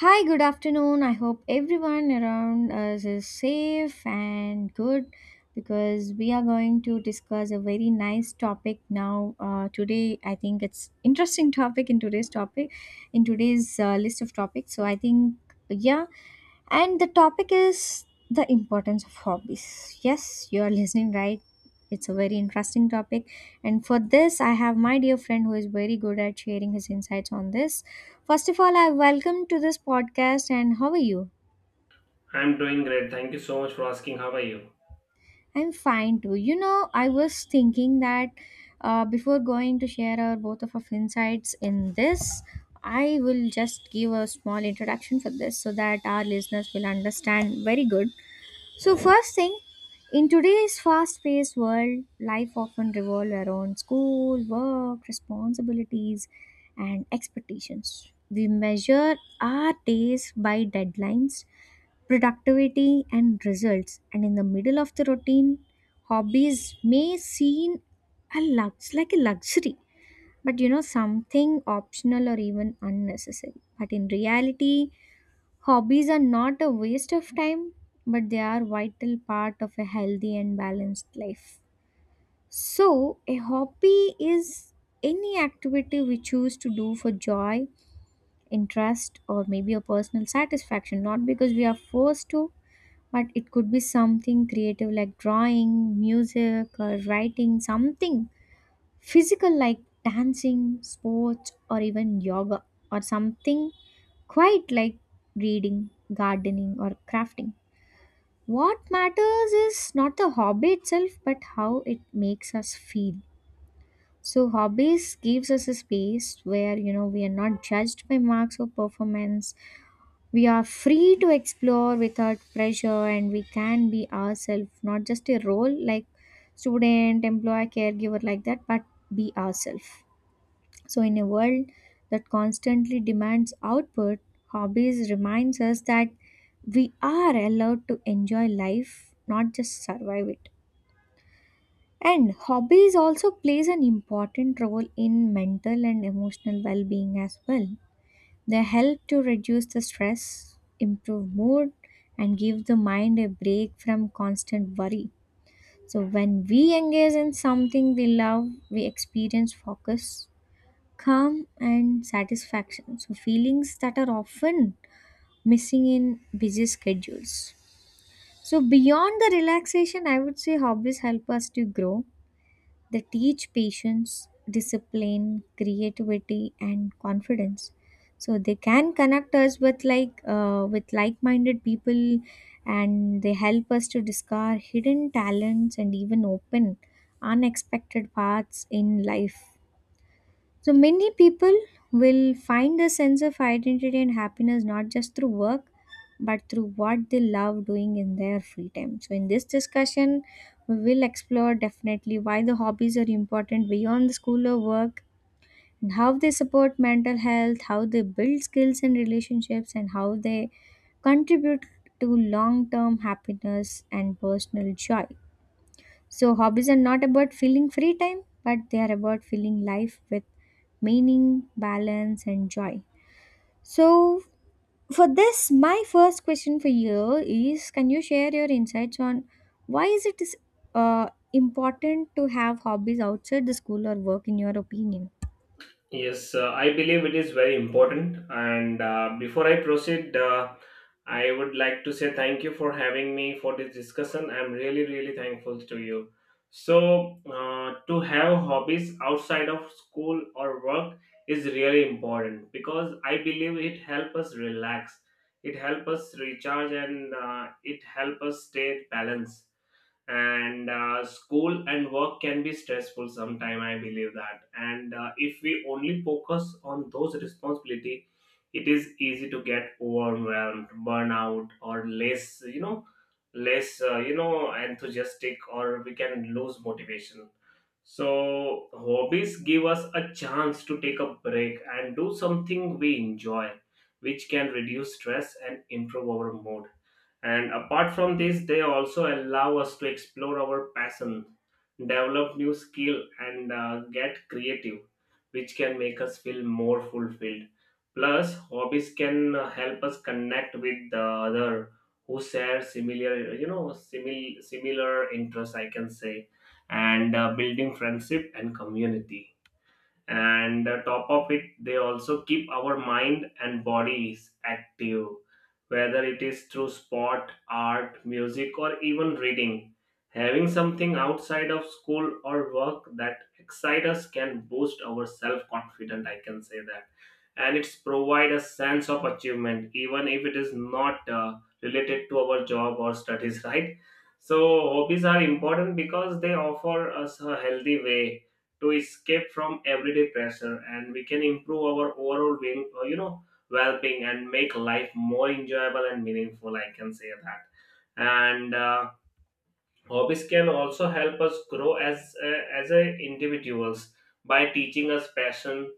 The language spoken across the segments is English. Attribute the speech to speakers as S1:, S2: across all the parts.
S1: Hi, good afternoon. I hope everyone around us is safe and good because we are going to discuss a very nice topic now. Today, I think it's interesting topic in today's list of topics. So I think yeah, and the topic is the importance of hobbies. Yes, you are listening right. It's a very interesting topic. And for this, I have my dear friend who is very good at sharing his insights on this. First of all, I welcome to this podcast. And how are you?
S2: I'm doing great. Thank you so much for asking. How are you?
S1: I'm fine too. You know, I was thinking that before going to share our both of our insights in this, I will just give a small introduction for this so that our listeners will understand very good. So, first thing, in today's fast paced world, life often revolves around school, work, responsibilities, and expectations. We measure our days by deadlines, productivity, and results. And in the middle of the routine, hobbies may seem like a luxury, but something optional or even unnecessary. But in reality, hobbies are not a waste of time, but they are vital part of a healthy and balanced life. So, a hobby is any activity we choose to do for joy, interest, or maybe a personal satisfaction, not because we are forced to, but it could be something creative like drawing, music, or writing, something physical like dancing, sports, or even yoga, or something quite like reading, gardening, or crafting. What matters is not the hobby itself, but how it makes us feel. So hobbies gives us a space where we are not judged by marks or performance. We are free to explore without pressure, and we can be ourselves, not just a role like student, employer, caregiver like that, but be ourselves. So, in a world that constantly demands output, hobbies reminds us that we are allowed to enjoy life, not just survive it. And hobbies also plays an important role in mental and emotional well-being as well. They help to reduce the stress, improve mood, and give the mind a break from constant worry. So when we engage in something we love, we experience focus, calm and satisfaction, so feelings that are often missing in busy schedules. So beyond the relaxation, I would say hobbies help us to grow. They teach patience, discipline, creativity, and confidence. So they can connect us with with like-minded people, and they help us to discover hidden talents and even open unexpected paths in life. So many people will find a sense of identity and happiness not just through work, but through what they love doing in their free time. So in this discussion, we will explore definitely why the hobbies are important beyond the school or work, and how they support mental health, how they build skills and relationships, and how they contribute to long-term happiness and personal joy. So, hobbies are not about filling free time, but they are about filling life with meaning, balance, and joy. So, for this, my first question for you is, can you share your insights on why is it uh, important to have hobbies outside the school or work, in your opinion?
S2: Yes, I believe it is very important. And before I proceed, I would like to say thank you for having me for this discussion. I'm really, really thankful to you. So, to have hobbies outside of school or work is really important because I believe it helps us relax, it helps us recharge, and it helps us stay balanced and school and work can be stressful sometime. I believe that. And if we only focus on those responsibility, it is easy to get overwhelmed, burnout, or less, you know, less enthusiastic, or we can lose motivation. So, hobbies give us a chance to take a break and do something we enjoy, which can reduce stress and improve our mood. And apart from this, they also allow us to explore our passion, develop new skill, and get creative, which can make us feel more fulfilled. Plus, hobbies can help us connect with the other who share similar, you know, similar interests, I can say. And building friendship and community, and top of it, they also keep our mind and bodies active, whether it is through sport, art, music, or even reading. Having something outside of school or work that excites us can boost our self confidence, I can say that. And it's provide a sense of achievement, even if it is not related to our job or studies, right? So hobbies are important because they offer us a healthy way to escape from everyday pressure, and we can improve our overall being, you know, well-being, and make life more enjoyable and meaningful, I can say that. And hobbies can also help us grow as a individuals by teaching us passion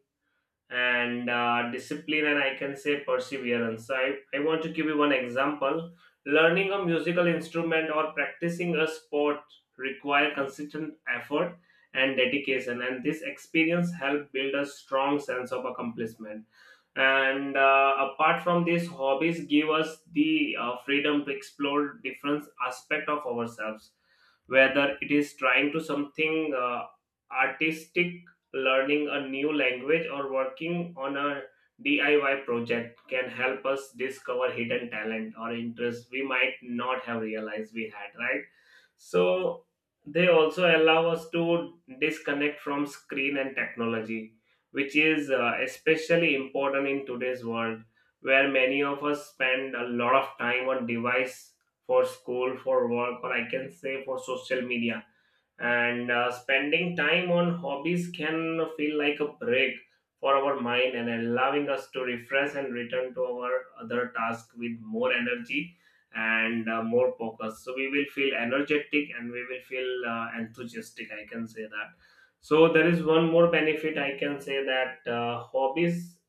S2: and discipline and, I can say, perseverance. So I want to give you one example. Learning a musical instrument or practicing a sport require consistent effort and dedication, and this experience help build a strong sense of accomplishment. And apart from this, hobbies give us the freedom to explore different aspect of ourselves, whether it is trying to something artistic, learning a new language, or working on a DIY project, can help us discover hidden talent or interests we might not have realized we had, right? So they also allow us to disconnect from screen and technology, which is especially important in today's world, where many of us spend a lot of time on device for school, for work, or I can say for social media. And spending time on hobbies can feel like a break for our mind and allowing us to refresh and return to our other task with more energy and more focus. So we will feel energetic, and we will feel enthusiastic, I can say that. So there is one more benefit, I can say that. Hobbies,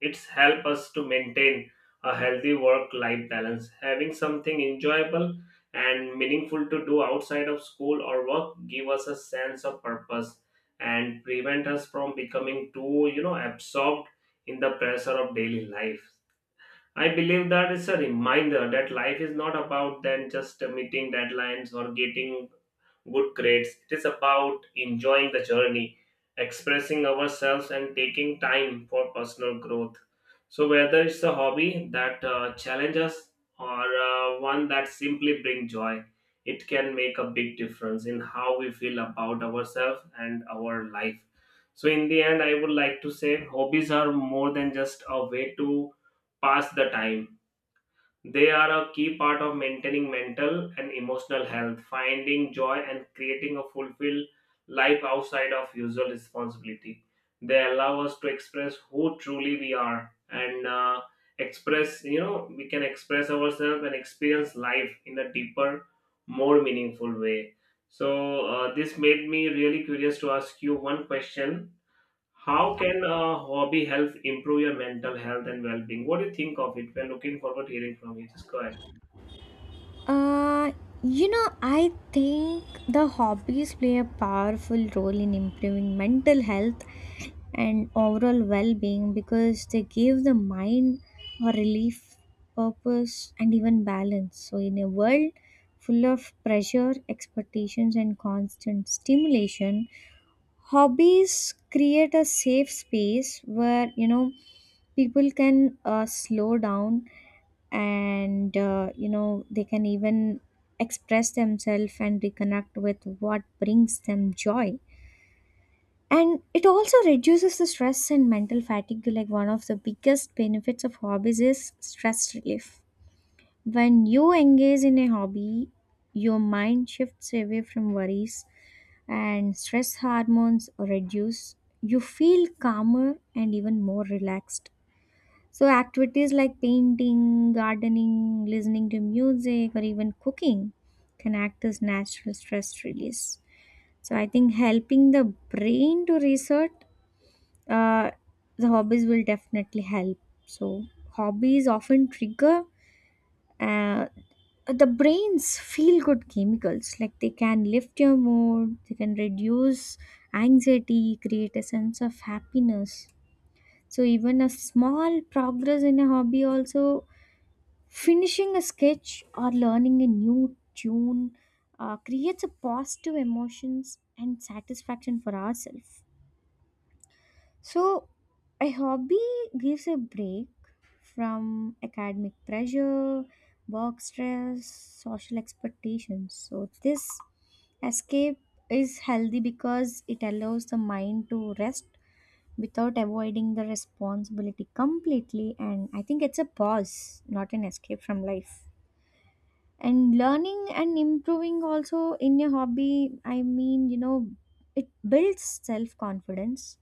S2: it's help us to maintain a healthy work-life balance. Having something enjoyable and meaningful to do outside of school or work give us a sense of purpose and prevent us from becoming too, you know, absorbed in the pressure of daily life. I believe that it's a reminder that life is not about then just meeting deadlines or getting good grades. It is about enjoying the journey, expressing ourselves, and taking time for personal growth. So, whether it's a hobby that challenges us, or one that simply brings joy, it can make a big difference in how we feel about ourselves and our life. So, in the end, I would like to say hobbies are more than just a way to pass the time. They are a key part of maintaining mental and emotional health, finding joy, and creating a fulfilled life outside of usual responsibility. They allow us to express who truly we are, and express, you know, we can express ourselves and experience life in a deeper, more meaningful way. So, this made me really curious to ask you one question. How can a hobby help improve your mental health and well-being? What do you think of it? We're looking forward to hearing from you. Just go ahead.
S1: Uh, you know, I think the hobbies play a powerful role in improving mental health and overall well being because they give the mind a relief, purpose, and even balance. So, in a world full of pressure, expectations, and constant stimulation, hobbies create a safe space where people can slow down and they can even express themselves and reconnect with what brings them joy. And it also reduces the stress and mental fatigue. Like, one of the biggest benefits of hobbies is stress relief. When you engage in a hobby, your mind shifts away from worries and stress hormones reduce. You feel calmer and even more relaxed. So activities like painting, gardening, listening to music, or even cooking can act as natural stress release. So I think helping the brain to reset, uh, the hobbies will definitely help. So, hobbies often trigger uh, the brain's feel good chemicals, like they can lift your mood, they can reduce anxiety, create a sense of happiness. So, even a small progress in a hobby, also finishing a sketch or learning a new tune, creates a positive emotions and satisfaction for ourselves. So, a hobby gives a break from academic pressure, work stress, social expectations. So, this escape is healthy because it allows the mind to rest without avoiding the responsibility completely. And I think it's a pause, not an escape from life. And learning and improving also in a hobby, I mean, it builds self confidence,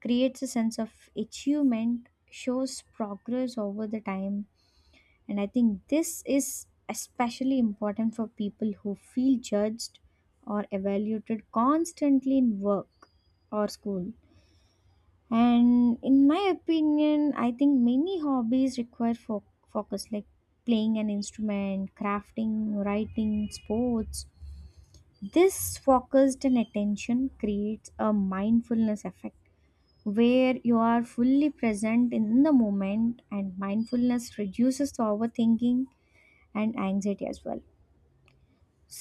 S1: creates a sense of achievement, shows progress over the time. And I think this is especially important for people who feel judged or evaluated constantly in work or school. And in my opinion, I think many hobbies require focus, like playing an instrument, crafting, writing, sports. This focused and attention creates a mindfulness effect where you are fully present in the moment, and mindfulness reduces the overthinking and anxiety as well.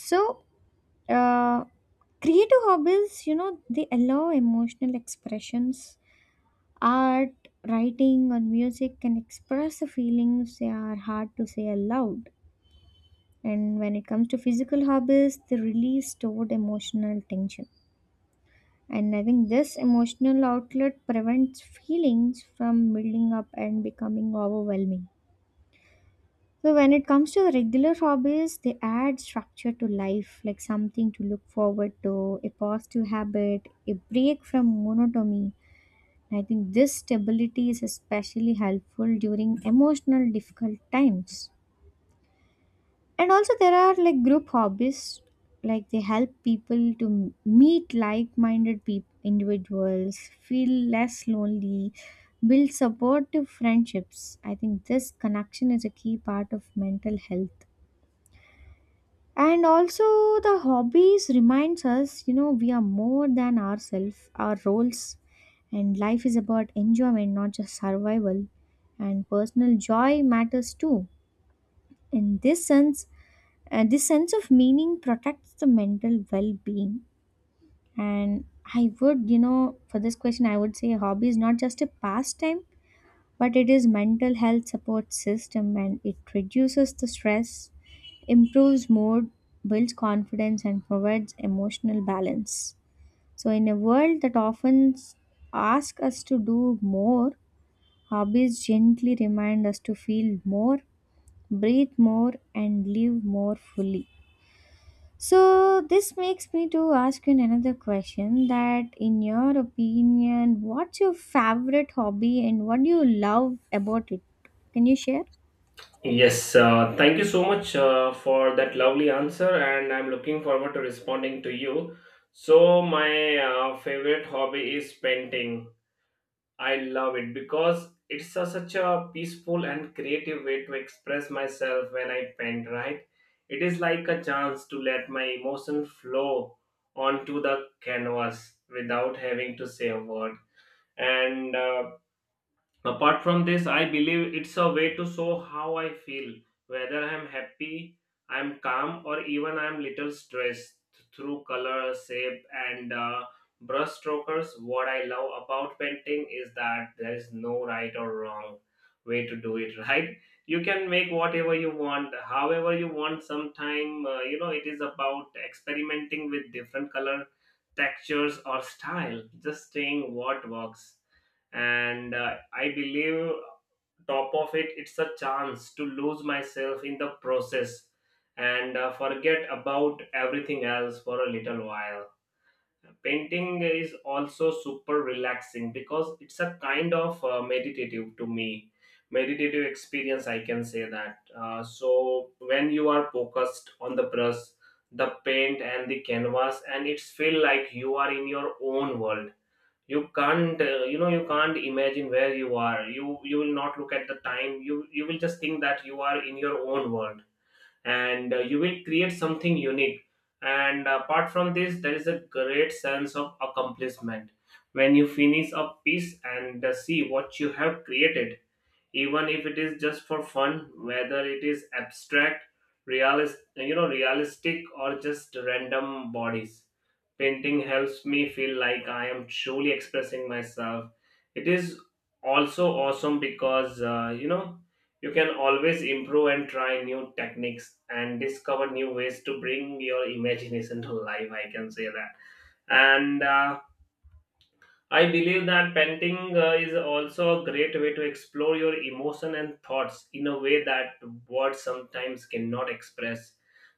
S1: So uh, creative hobbies, they allow emotional expressions. Art, writing, or music can express the feelings they are hard to say aloud. And when it comes to physical hobbies, they release stored emotional tension. And I think this emotional outlet prevents feelings from building up and becoming overwhelming. So, when it comes to regular hobbies, they add structure to life, like something to look forward to, a positive habit, a break from monotony. And I think this stability is especially helpful during emotional difficult times. And also there are like group hobbies, like they help people to meet like-minded peop individuals, feel less lonely, build supportive friendships. I think this connection is a key part of mental health. And also, the hobbies reminds us, we are more than ourselves, our roles, and life is about enjoyment, not just survival, and personal joy matters too. In this sense, this sense of meaning protects the mental well-being. And I would, for this question I would say a hobby is not just a pastime, but it is mental health support system, and it reduces the stress, improves mood, builds confidence, and provides emotional balance. So in a world that often asks us to do more, hobbies gently remind us to feel more, breathe more, and live more fully. So this makes me to ask you another question, that in your opinion, what's your favorite hobby and what do you love about it? Can you share?
S2: Yes, thank you so much for that lovely answer, and I'm looking forward to responding to you. So, my favorite hobby is painting. I love it because it's a, such a peaceful and creative way to express myself when I paint, right? It is like a chance to let my emotion flow onto the canvas without having to say a word. And apart from this, I believe it's a way to show how I feel, whether I'm happy, I'm calm, or even I'm little stressed, through color, shape, and brush strokers. What I love about painting is that there is no right or wrong way to do it, right? You can make whatever you want, however you want. Sometime, you know, it is about experimenting with different color, textures, or style, just saying what works. And I believe top of it, it's a chance to lose myself in the process and forget about everything else for a little while. Painting is also super relaxing because it's a kind of meditative to me meditative experience, I can say that. So when you are focused on the brush, the paint, and the canvas, and it's feel like you are in your own world. You can't you know, you can't imagine where you are. You will not look at the time. You will just think that you are in your own world, and you will create something unique. And apart from this, there is a great sense of accomplishment when you finish a piece and see what you have created, even if it is just for fun, whether it is abstract, realist you know, realistic, or just random bodies. Painting helps me feel like I am truly expressing myself. It is also awesome because you know, you can always improve and try new techniques and discover new ways to bring your imagination to life, I can say that. And I believe that painting is also a great way to explore your emotion and thoughts in a way that words sometimes cannot express.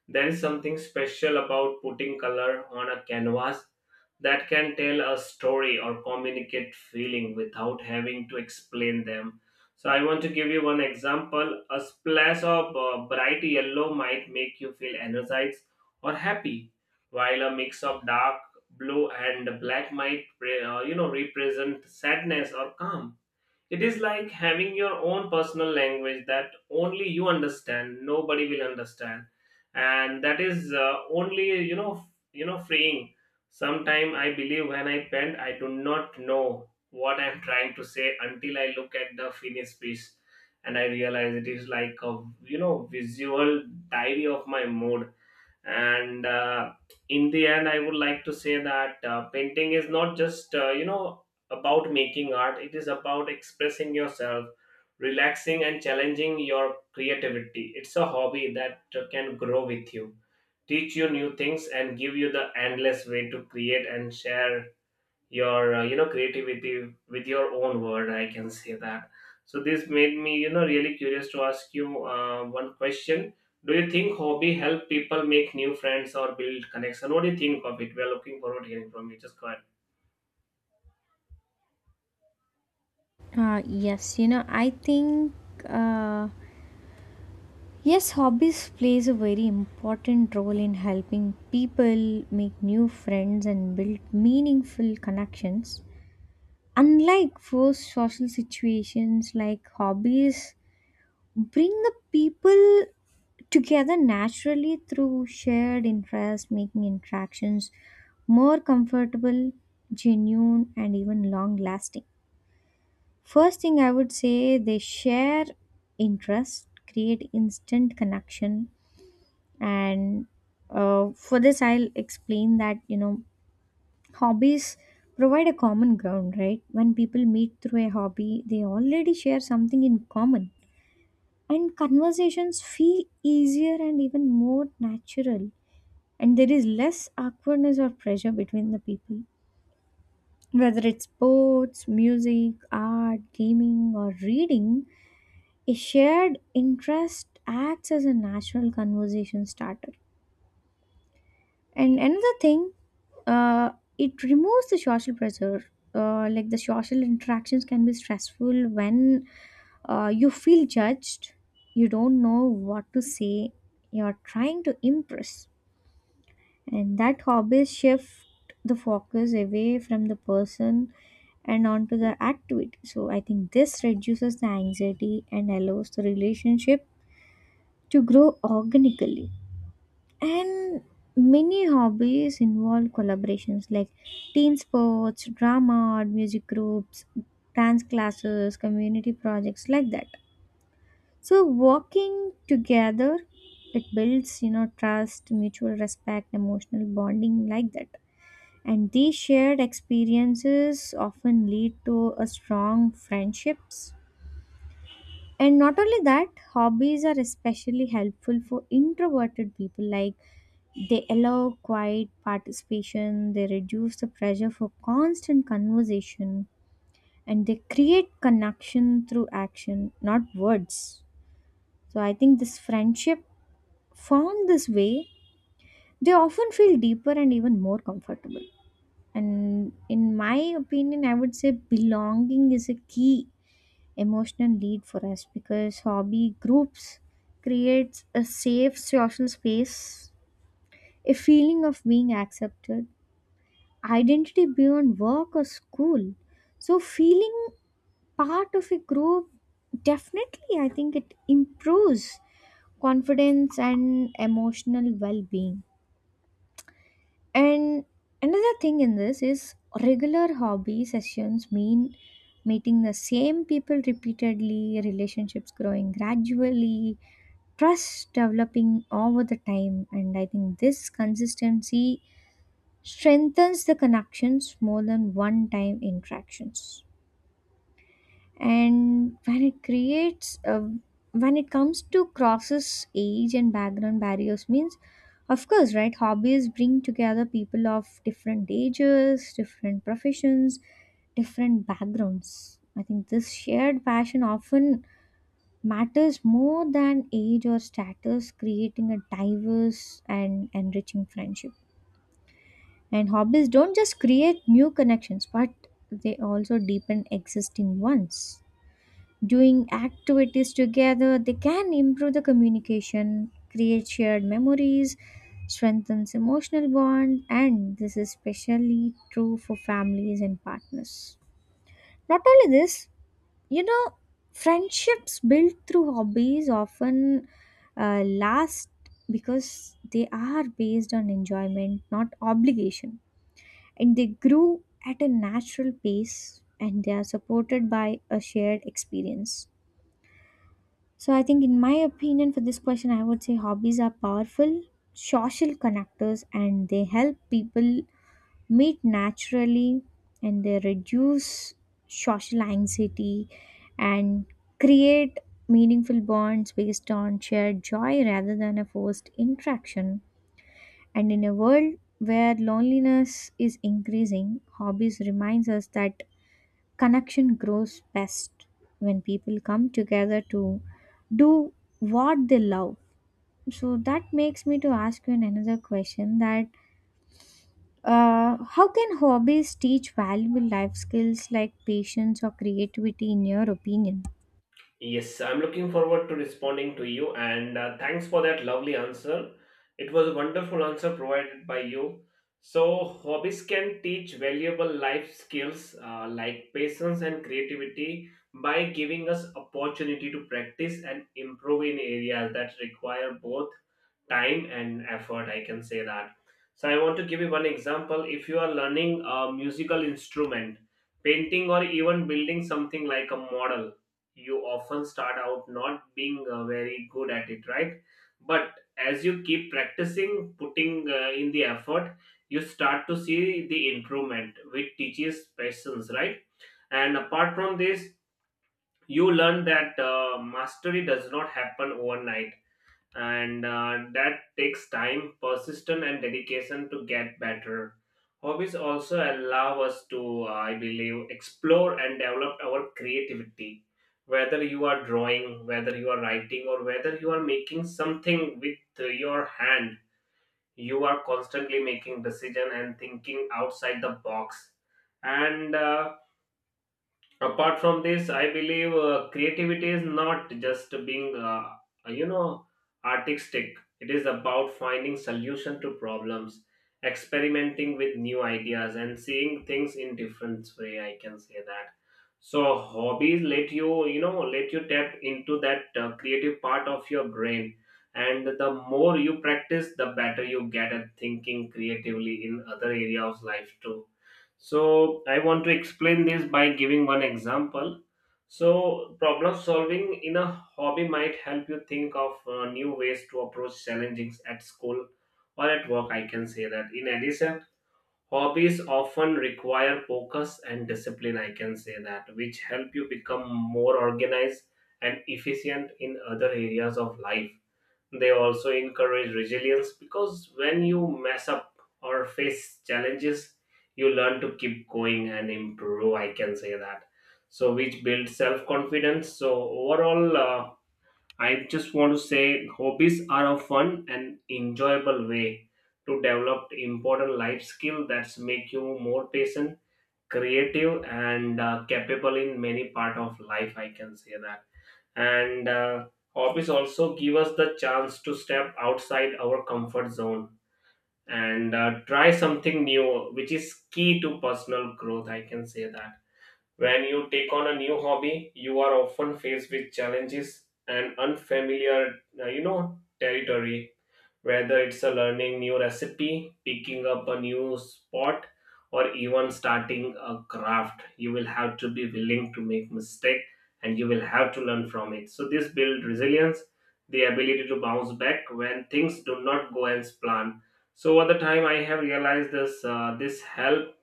S2: There is something special about putting color on a canvas that can tell a story or communicate feeling without having to explain them. So I want to give you one example. A splash of bright yellow might make you feel energized or happy, while a mix of dark blue and black might you know, represent sadness or calm. It is like having your own personal language that only you understand, nobody will understand. And that is only, you know, you know, freeing. Sometime I believe when I paint, I do not know what I'm trying to say until I look at the finished piece, and I realize it is like a, you know, visual diary of my mood. And in the end, I would like to say that painting is not just you know, about making art. It is about expressing yourself, relaxing, and challenging your creativity. It's a hobby that can grow with you, teach you new things, and give you the endless way to create and share your you know, creativity with your own word, I can say that. So this made me, you know, really curious to ask you one question. Do you think hobby help people make new friends or build connection? What do you think of it? We are looking forward to hearing from you. Just go ahead.
S1: Uh, yes you know i think uh, yes, hobbies plays a very important role in helping people make new friends and build meaningful connections. Unlike forced social situations, like hobbies bring the people together naturally through shared interest, making interactions more comfortable, genuine, and even long lasting. First thing I would say, they share interest, create instant connection, and for this, I'll explain that, hobbies provide a common ground, right? When people meet through a hobby, they already share something in common, and conversations feel easier and even more natural, and there is less awkwardness or pressure between the people. Whether it's sports, music, art, gaming, or reading, a shared interest acts as a natural conversation starter. And another thing, uh, it removes the social pressure. Like, the social interactions can be stressful when you feel judged, you don't know what to say, you're trying to impress, and that hobbies shift the focus away from the person and onto the activity. So I think this reduces the anxiety and allows the relationship to grow organically. And many hobbies involve collaborations, like team sports, drama or music groups, dance classes, community projects, like that. So working together, it builds, trust, mutual respect, emotional bonding, like that. And these shared experiences often lead to a strong friendships. And not only that, hobbies are especially helpful for introverted people. Like, they allow quiet participation, they reduce the pressure for constant conversation, and they create connection through action, not words. So I think this friendship formed this way, they often feel deeper and even more comfortable. And in my opinion, I would say belonging is a key emotional need for us, because hobby groups creates a safe social space, a feeling of being accepted, identity beyond work or school. So feeling part of a group, definitely I think it improves confidence and emotional well-being. And another thing in this is, regular hobby sessions mean meeting the same people repeatedly, relationships growing gradually, trust developing over the time. And I think this consistency strengthens the connections more than one time interactions and when it creates when it comes to crosses age and background barriers means of course, right, hobbies bring together people of different ages, different professions, different backgrounds. I think this shared passion often matters more than age or status, creating a diverse and enriching friendship. And hobbies don't just create new connections, but they also deepen existing ones. Doing activities together, they can improve the communication, create shared memories, strengthens emotional bond, and this is especially true for families and partners. Not only this, you know, friendships built through hobbies often last, because they are based on enjoyment, not obligation, and they grew at a natural pace and they are supported by a shared experience. So I think, in my opinion, for this question I would say hobbies are powerful social connectors, and they help people meet naturally, and they reduce social anxiety and create meaningful bonds based on shared joy rather than a forced interaction. And in a world where loneliness is increasing, hobbies reminds us that connection grows best when people come together to do what they love. So that makes me to ask you another question, that how can hobbies teach valuable life skills like patience or creativity, in your opinion?
S2: Yes, I'm looking forward to responding to you, and thanks for that lovely answer. It was a wonderful answer provided by you. So, hobbies can teach valuable life skills like patience and creativity by giving us opportunity to practice and improve in areas that require both time and effort, I can say that. So I want to give you one example. If you are learning a musical instrument, painting, or even building something like a model, you often start out not being very good at it, right? But as you keep practicing, putting in the effort, you start to see the improvement, which teaches patience, right? And apart from this, you learn that mastery does not happen overnight, and that takes time, persistence, and dedication to get better. Hobbies also allow us to, I believe, explore and develop our creativity. Whether you are drawing, whether you are writing, or whether you are making something with your hand, you are constantly making decision and thinking outside the box. And apart from this, I believe creativity is not just being you know, artistic. It is about finding solution to problems, experimenting with new ideas, and seeing things in different way, I can say that. So hobbies let you, you know let you tap into that creative part of your brain, and the more you practice, the better you get at thinking creatively in other area of life too. So I want to explain this by giving one example. So problem solving in a hobby might help you think of new ways to approach challenges at school or at work, I can say that. In addition, hobbies often require focus and discipline, I can say that, which help you become more organized and efficient in other areas of life. They also encourage resilience because when you mess up or face challenges, you learn to keep going and improve, I can say that. So, which builds self confidence. So, overall, I just want to say hobbies are a fun and enjoyable way to develop important life skill that's make you more patient, creative, and capable in many part of life, I can say that. And hobbies also give us the chance to step outside our comfort zone and try something new, which is key to personal growth, I can say that. When you take on a new hobby, you are often faced with challenges and unfamiliar you know, territory, whether it's a learning new recipe, picking up a new spot, or even starting a craft, you will have to be willing to make mistake, and you will have to learn from it. So this build resilience, the ability to bounce back when things do not go as planned. So over the time, I have realized this. This help,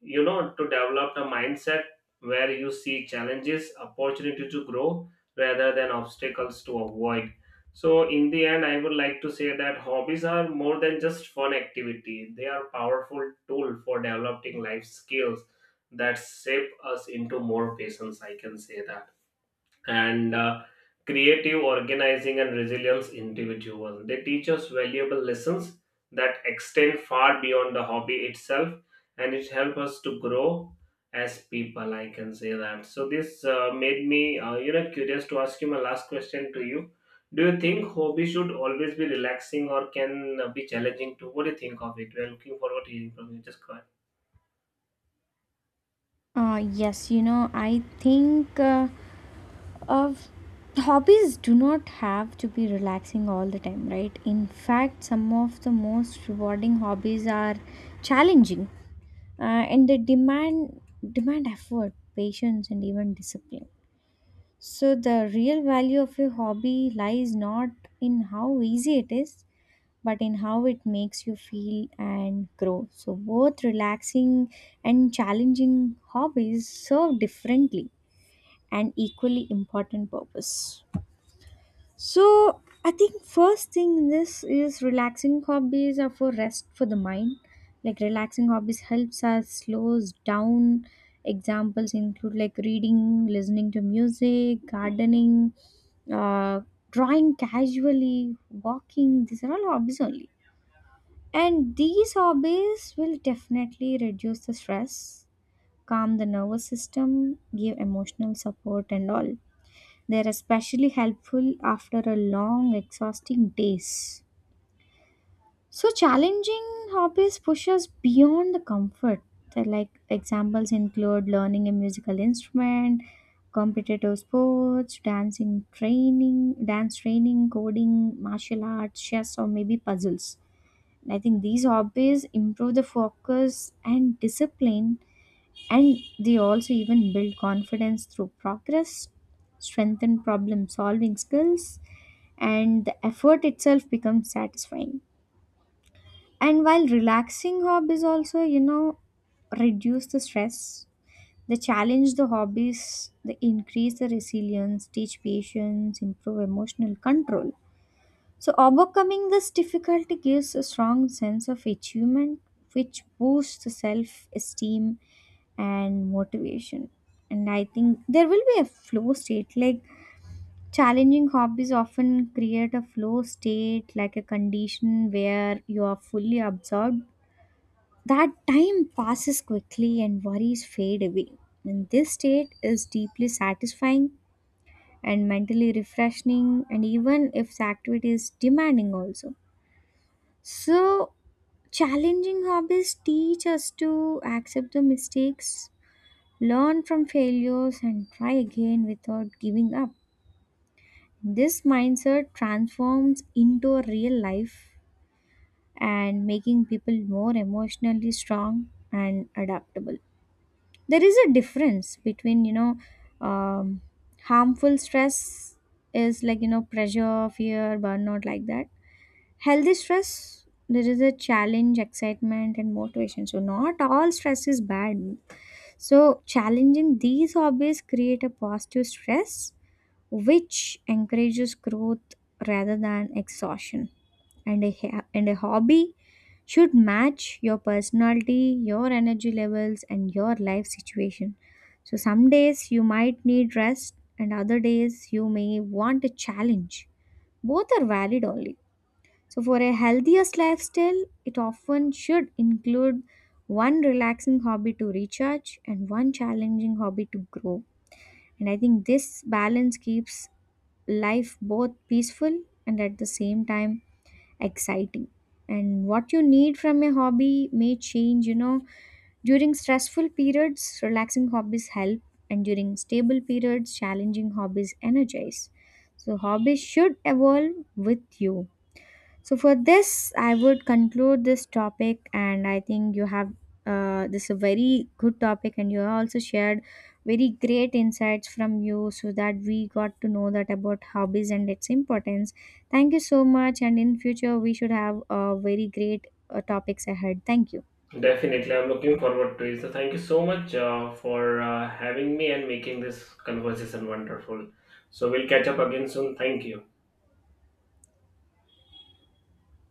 S2: you know, to develop the mindset where you see challenges opportunity to grow rather than obstacles to avoid. So in the end, I would like to say that hobbies are more than just fun activity. They are powerful tool for developing life skills that shape us into more patience, I can say that, and creative, organizing, and resilience individual. They teach us valuable lessons that extend far beyond the hobby itself, and it helps us to grow as people, I can say that. So this made me, you know, curious to ask you my last question to you. Do you think hobby should always be relaxing, or can be challenging too? What do you think of it? We are looking forward to hearing from you. Just go ahead.
S1: Yes, you know, I think Uh, hobbies do not have to be relaxing all the time, right? In fact, some of the most rewarding hobbies are challenging, and they demand demand effort, patience, and even discipline. So the real value of a hobby lies not in how easy it is, but in how it makes you feel and grow. So both relaxing and challenging hobbies serve differently and equally important purpose. So I think first thing in this is relaxing hobbies are for rest for the mind. Like relaxing hobbies helps us slows down. Examples include like reading, listening to music, gardening, uh, drawing casually, walking. These are all hobbies only. And these hobbies will definitely reduce the stress, calm the nervous system, give emotional support and all. They're especially helpful after a long, exhausting days. So challenging hobbies push us beyond the comfort. The, like examples include learning a musical instrument, competitive sports, dancing training, dance training, coding, martial arts, chess, or maybe puzzles. I think these hobbies improve the focus and discipline, and they also even build confidence through progress, strengthen problem solving skills, and the effort itself becomes satisfying. And while relaxing hobbies also, you know, reduce the stress. They challenge the hobbies, they increase the resilience, teach patience, improve emotional control. So, overcoming this difficulty gives a strong sense of achievement, which boosts the self esteem and motivation. And I think there will be a flow state. Like challenging hobbies often create a flow state, like a condition where you are fully absorbed. That time passes quickly and worries fade away. And this state is deeply satisfying and mentally refreshing, and even if the activity is demanding, also. So, challenging hobbies teach us to accept the mistakes, learn from failures, and try again without giving up. This mindset transforms into a real life and making people more emotionally strong and adaptable. There is a difference between, you know, um, harmful stress is like, you know, pressure, fear, burnout, like that. Healthy stress, there is a challenge, excitement, and motivation. So, not all stress is bad. So, challenging these hobbies create a positive stress, which encourages growth rather than exhaustion. And a hobby should match your personality, your energy levels, and your life situation. So, some days you might need rest, and other days you may want a challenge. Both are valid only. So, for a healthiest lifestyle, it often should include one relaxing hobby to recharge and one challenging hobby to grow. And I think this balance keeps life both peaceful and at the same time exciting. And what you need from a hobby may change, you know. During stressful periods, relaxing hobbies help, and during stable periods, challenging hobbies energize. So, hobbies should evolve with you. So for this, I would conclude this topic, and I think you have this is a very good topic, and you also shared very great insights from you, so that we got to know that about hobbies and its importance. Thank you so much, and in future we should have very great topics ahead. Thank you.
S2: Definitely, I'm looking forward to it. So, thank you so much for having me and making this conversation wonderful. So, we'll catch up again soon. Thank you.